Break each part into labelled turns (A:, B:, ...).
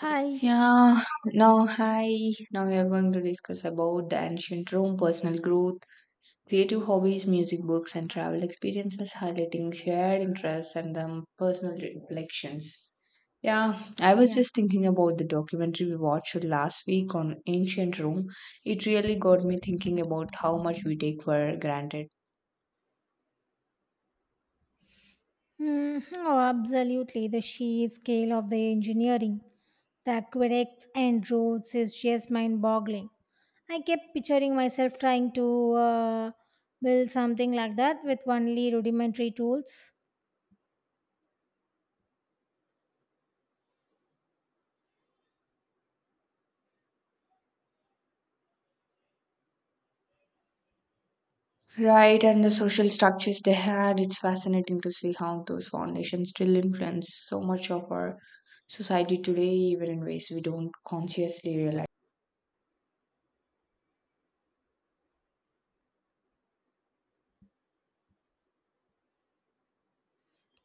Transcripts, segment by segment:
A: Hi.
B: Yeah, now hi. Now we are going to discuss about the ancient Rome, personal growth, creative hobbies, music books, and travel experiences, highlighting shared interests and personal reflections. Yeah, I was
A: Yeah.
B: just thinking about the documentary we watched last week on ancient Rome. It really got me thinking about how much we take for granted.
A: Oh, absolutely. The sheer scale of the engineering that aqueducts and roads is just mind boggling. I kept picturing myself trying to build something like that with only rudimentary tools.
B: Right, and the social structures they had, it's fascinating to see how those foundations still influence so much of our society today, even in ways we don't consciously realize.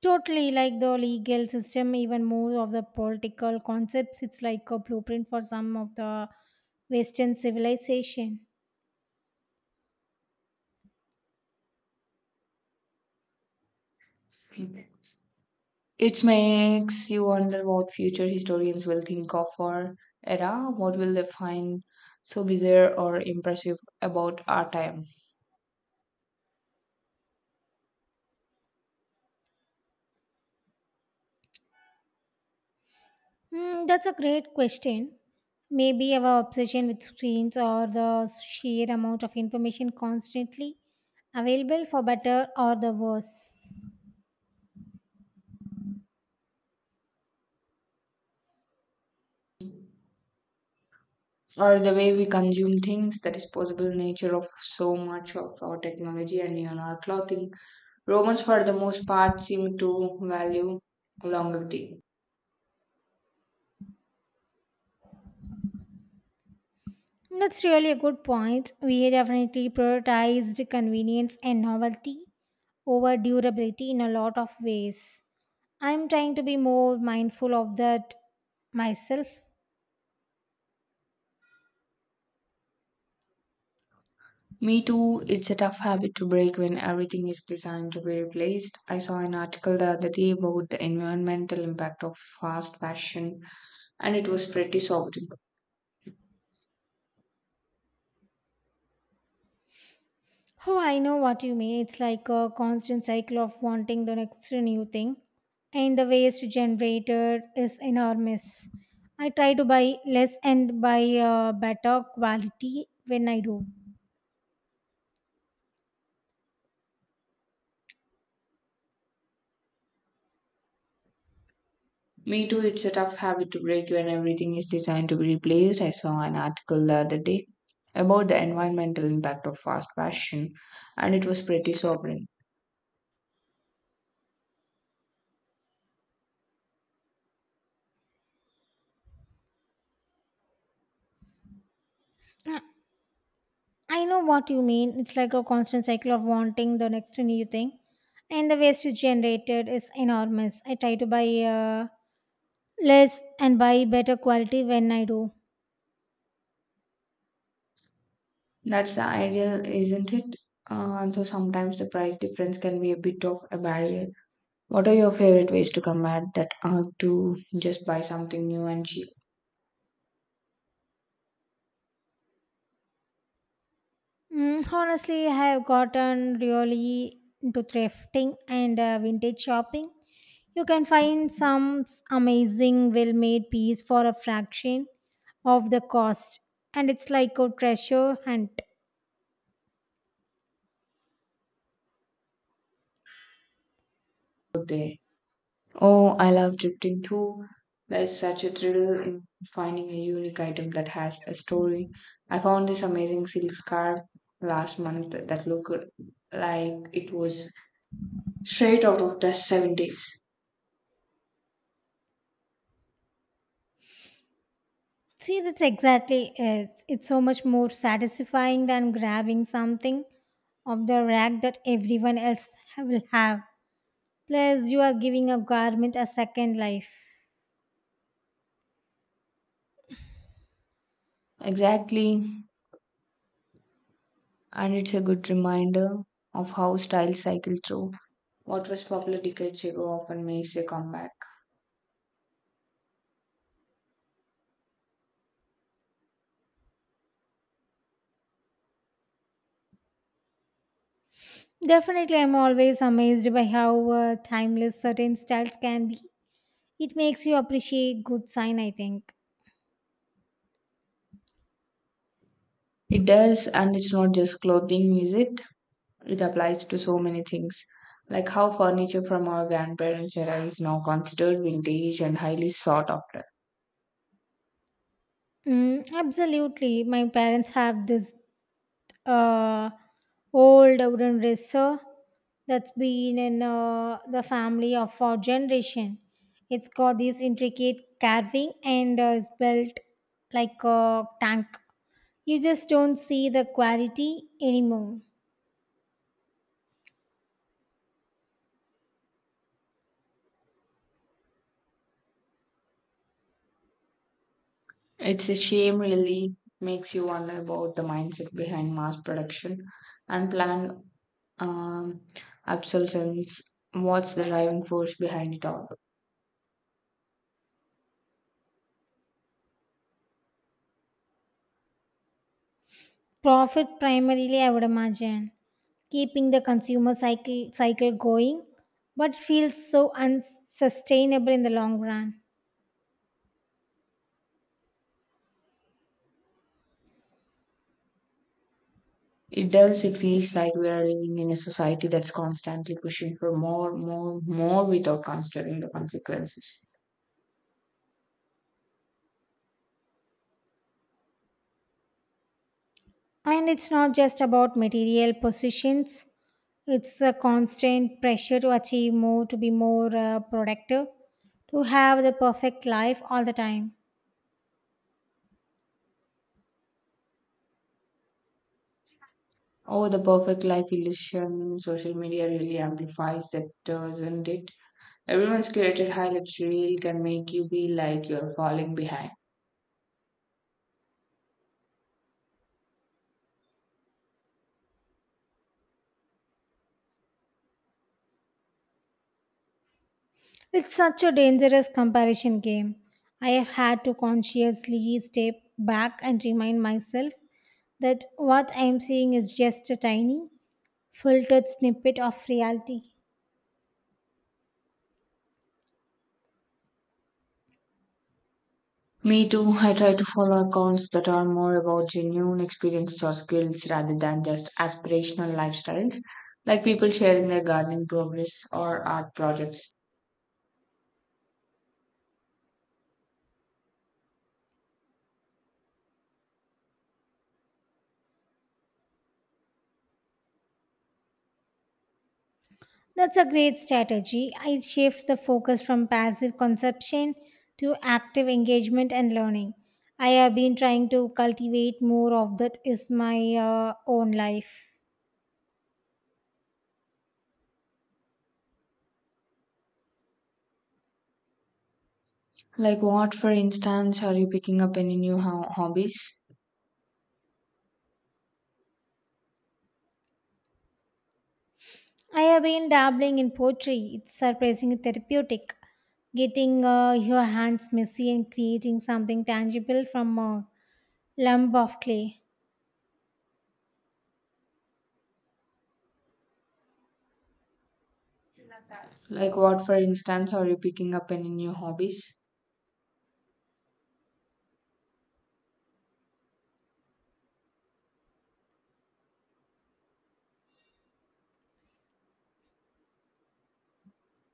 A: Totally like the legal system, even more of the political concepts. It's like a blueprint for some of the Western civilization.
B: It makes you wonder what future historians will think of our era. What will they find so bizarre or impressive about our time,
A: That's a great question. Maybe our obsession with screens or the sheer amount of information constantly available for better or the worse.
B: or the way we consume things, the disposable nature of so much of our technology and even our clothing? Romans, for the most part, seem to value longevity.
A: That's really a good point. We definitely prioritized convenience and novelty over durability in a lot of ways. I'm trying to be more mindful of that myself.
B: Me too, it's a tough habit to break when everything is designed to be replaced. I saw an article the other day about the environmental impact of fast fashion, and it was pretty sobering.
A: Oh, I know what you mean. It's like a constant cycle of wanting the next new thing, and the waste generated is enormous. I try to buy less and buy better quality when I do.
B: Me too, it's a tough habit to break when everything is designed to be replaced. I saw an article the other day about the environmental impact of fast fashion, and it was pretty sobering.
A: Uh, I know what you mean. It's like a constant cycle of wanting the next new thing, and the waste generated is enormous. I try to buy uh, less and buy better quality when I do.
B: That's the ideal, isn't it? Though sometimes the price difference can be a bit of a barrier. What are your favorite ways to combat that, to just buy something new and cheap
A: Honestly, I have gotten really into thrifting and vintage shopping. You can find amazing well made piece for a fraction of the cost, and it's like a treasure hunt.
B: there? Oh, I love drifting too. There's such a thrill in finding a unique item that has a story. I found this amazing silk scarf last month that looked like it was straight out of the 70s.
A: See, that's exactly it. It's so much more satisfying than grabbing something of the rack that everyone else will have. Plus, you are giving a garment a second life.
B: Exactly, and it's a good reminder of how styles cycle through. What was popular decades ago often makes a comeback.
A: Definitely, I'm always amazed by how timeless certain styles can be. It makes you appreciate good sign, I think.
B: It does, and it's not just clothing, is it? It applies to so many things. Like how furniture from our grandparents' era is now considered vintage and highly sought after.
A: Absolutely. My parents have this uh, old wooden dresser that's been in the family of our generation. It's got this intricate carving and is built like a tank. You just don't see the quality anymore.
B: It's a shame, really. Makes you wonder about the mindset behind mass production and planned, um, obsolescence. What's the driving force behind it all?
A: Profit primarily, I would imagine, keeping the consumer cycle going, but it feels so unsustainable in the long run.
B: It does. It feels like we are living in a society that's constantly pushing for more, more, more without considering the consequences.
A: And it's not just about material positions; it's a constant pressure to achieve more, to be more productive, to have the perfect life all the time.
B: Oh, the perfect life illusion. Social media really amplifies that, doesn't it? Everyone's curated highlights reel can make you feel like you're falling behind.
A: It's such a dangerous comparison game. I have had to consciously step back and remind myself that what I am seeing is just a tiny, filtered snippet of reality.
B: Me too. I try to follow accounts that are more about genuine experiences or skills rather than just aspirational lifestyles, like people sharing their gardening progress or art projects.
A: That's a great strategy. I shift the focus from passive consumption to active engagement and learning. I have been trying to cultivate more of that is my own life.
B: Like, what, for instance, are you picking up any new hobbies?
A: I have been dabbling in poetry. It's surprisingly therapeutic. Getting your hands messy and creating something tangible from a lump of clay.
B: Like, what, for instance, are you picking up any new hobbies?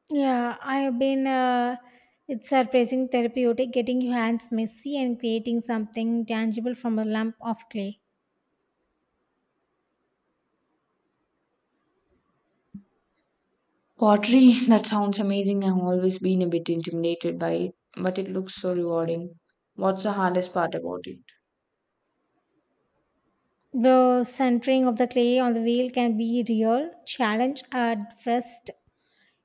A: Yeah, I have been. It's surprising therapeutic. Getting your hands messy and creating something tangible from a lump of clay.
B: Pottery, that sounds amazing. I've always been a bit intimidated by it, but it looks so rewarding. What's the hardest part about it?
A: The centering of the clay on the wheel can be real challenge at first,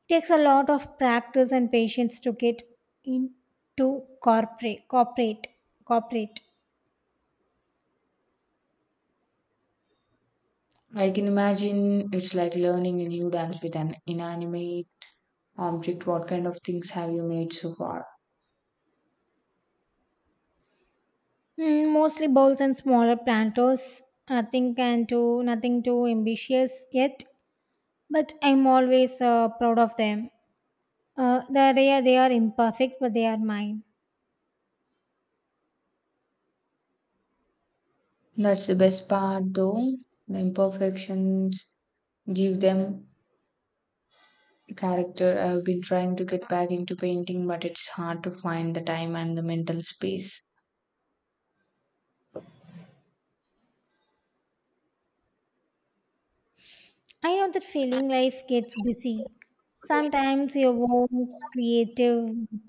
A: takes a lot of practice and patience to get into corporate corporate corporate.
B: I can imagine it's like learning a new dance with an inanimate object. What kind of things have you made so far?
A: Mostly bowls and smaller planters, nothing can do nothing too ambitious yet, but I'm always proud of them. They are imperfect but they are mine.
B: That's the best part, though. The imperfections give them character. I've been trying to get back into painting, but it's hard to find the time and the mental space.
A: I know that feeling. Life gets busy sometimes, your own creative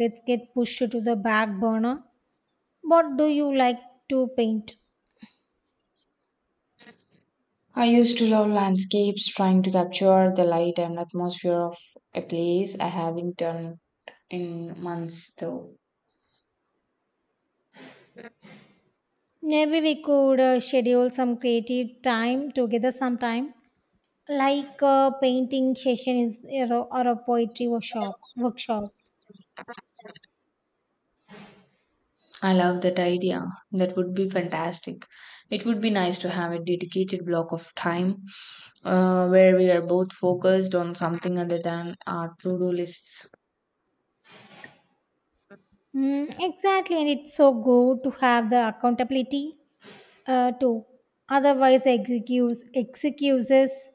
A: bits get pushed to the back burner. What do you like to paint?
B: I used to love landscapes, trying to capture the light and atmosphere of a place. I haven't done in months though.
A: Maybe we could schedule some creative time together sometime, like a painting session is or a poetry workshop. Workshop.
B: I love that idea. That would be fantastic. It would be nice to have a dedicated block of time, where we are both focused on something other than our to do lists.
A: Exactly, and it's so good to have the accountability too. Otherwise, excuses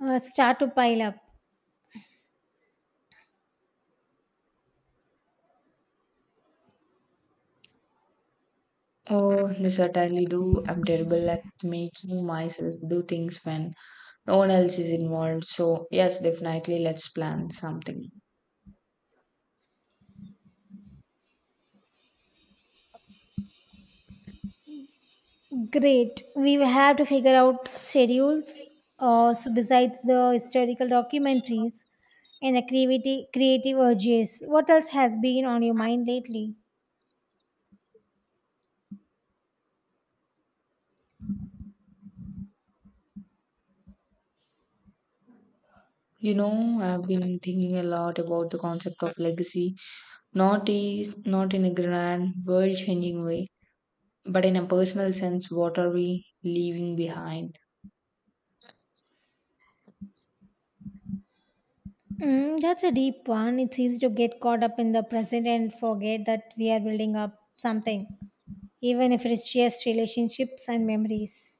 A: start to pile up.
B: Oh, I certainly do. I'm terrible at making myself do things when no one else is involved. So, yes, definitely let's plan something.
A: Great. We will have to figure out schedules. So besides the historical documentaries and creative urges, what else has been on your mind lately?
B: You know, I've been thinking a lot about the concept of legacy, not is not in a grand world-changing way, but in a personal sense, what are we leaving behind?
A: That's a deep one. It's easy to get caught up in the present and forget that we are building up something, even if it's just relationships and memories.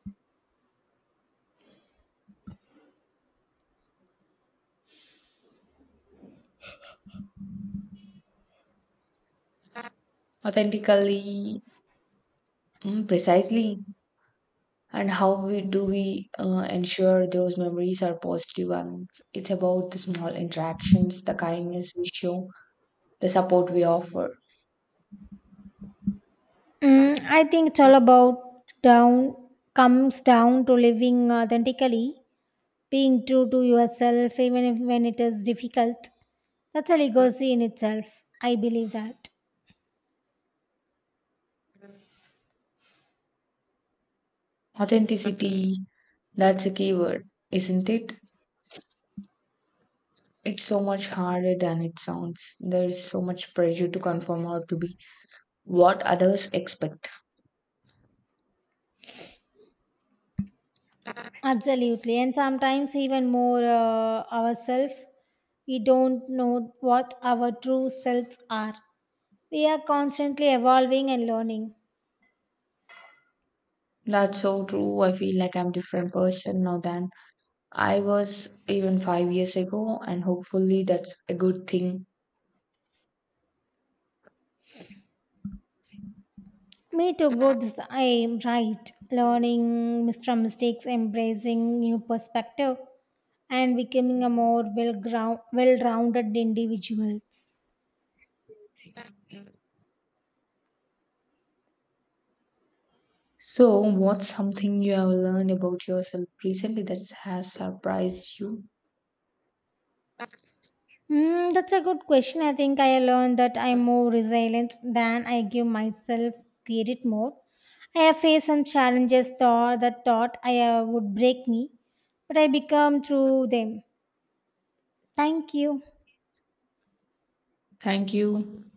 B: Authentically, mm, precisely, and how we do we ensure those memories are positive ones. It's about the small interactions, the kindness we show, the support we offer,
A: I think it's all about down comes down to living authentically. Being true to yourself, even if when it is difficult, that's a legacy in itself. I believe that.
B: authenticity. That's a key word, isn't it? It's so much harder than it sounds. There's so much pressure to conform or to be what others expect.
A: Absolutely. And sometimes, even more ourselves, we don't know what our true selves are. We are constantly evolving and learning.
B: That's so true. I feel like I'm a different person now than I was even 5 years ago, and hopefully that's a good thing.
A: Me too, growth is I am right. Learning from mistakes, embracing new perspective, and becoming a more well rounded individual.
B: So, what's something you have learned about yourself recently that has surprised you?
A: That's a good question. I think I learned that I'm more resilient than I give myself credit more. I have faced some challenges thought that thought I would break me, but I become through them. Thank you.
B: Thank you.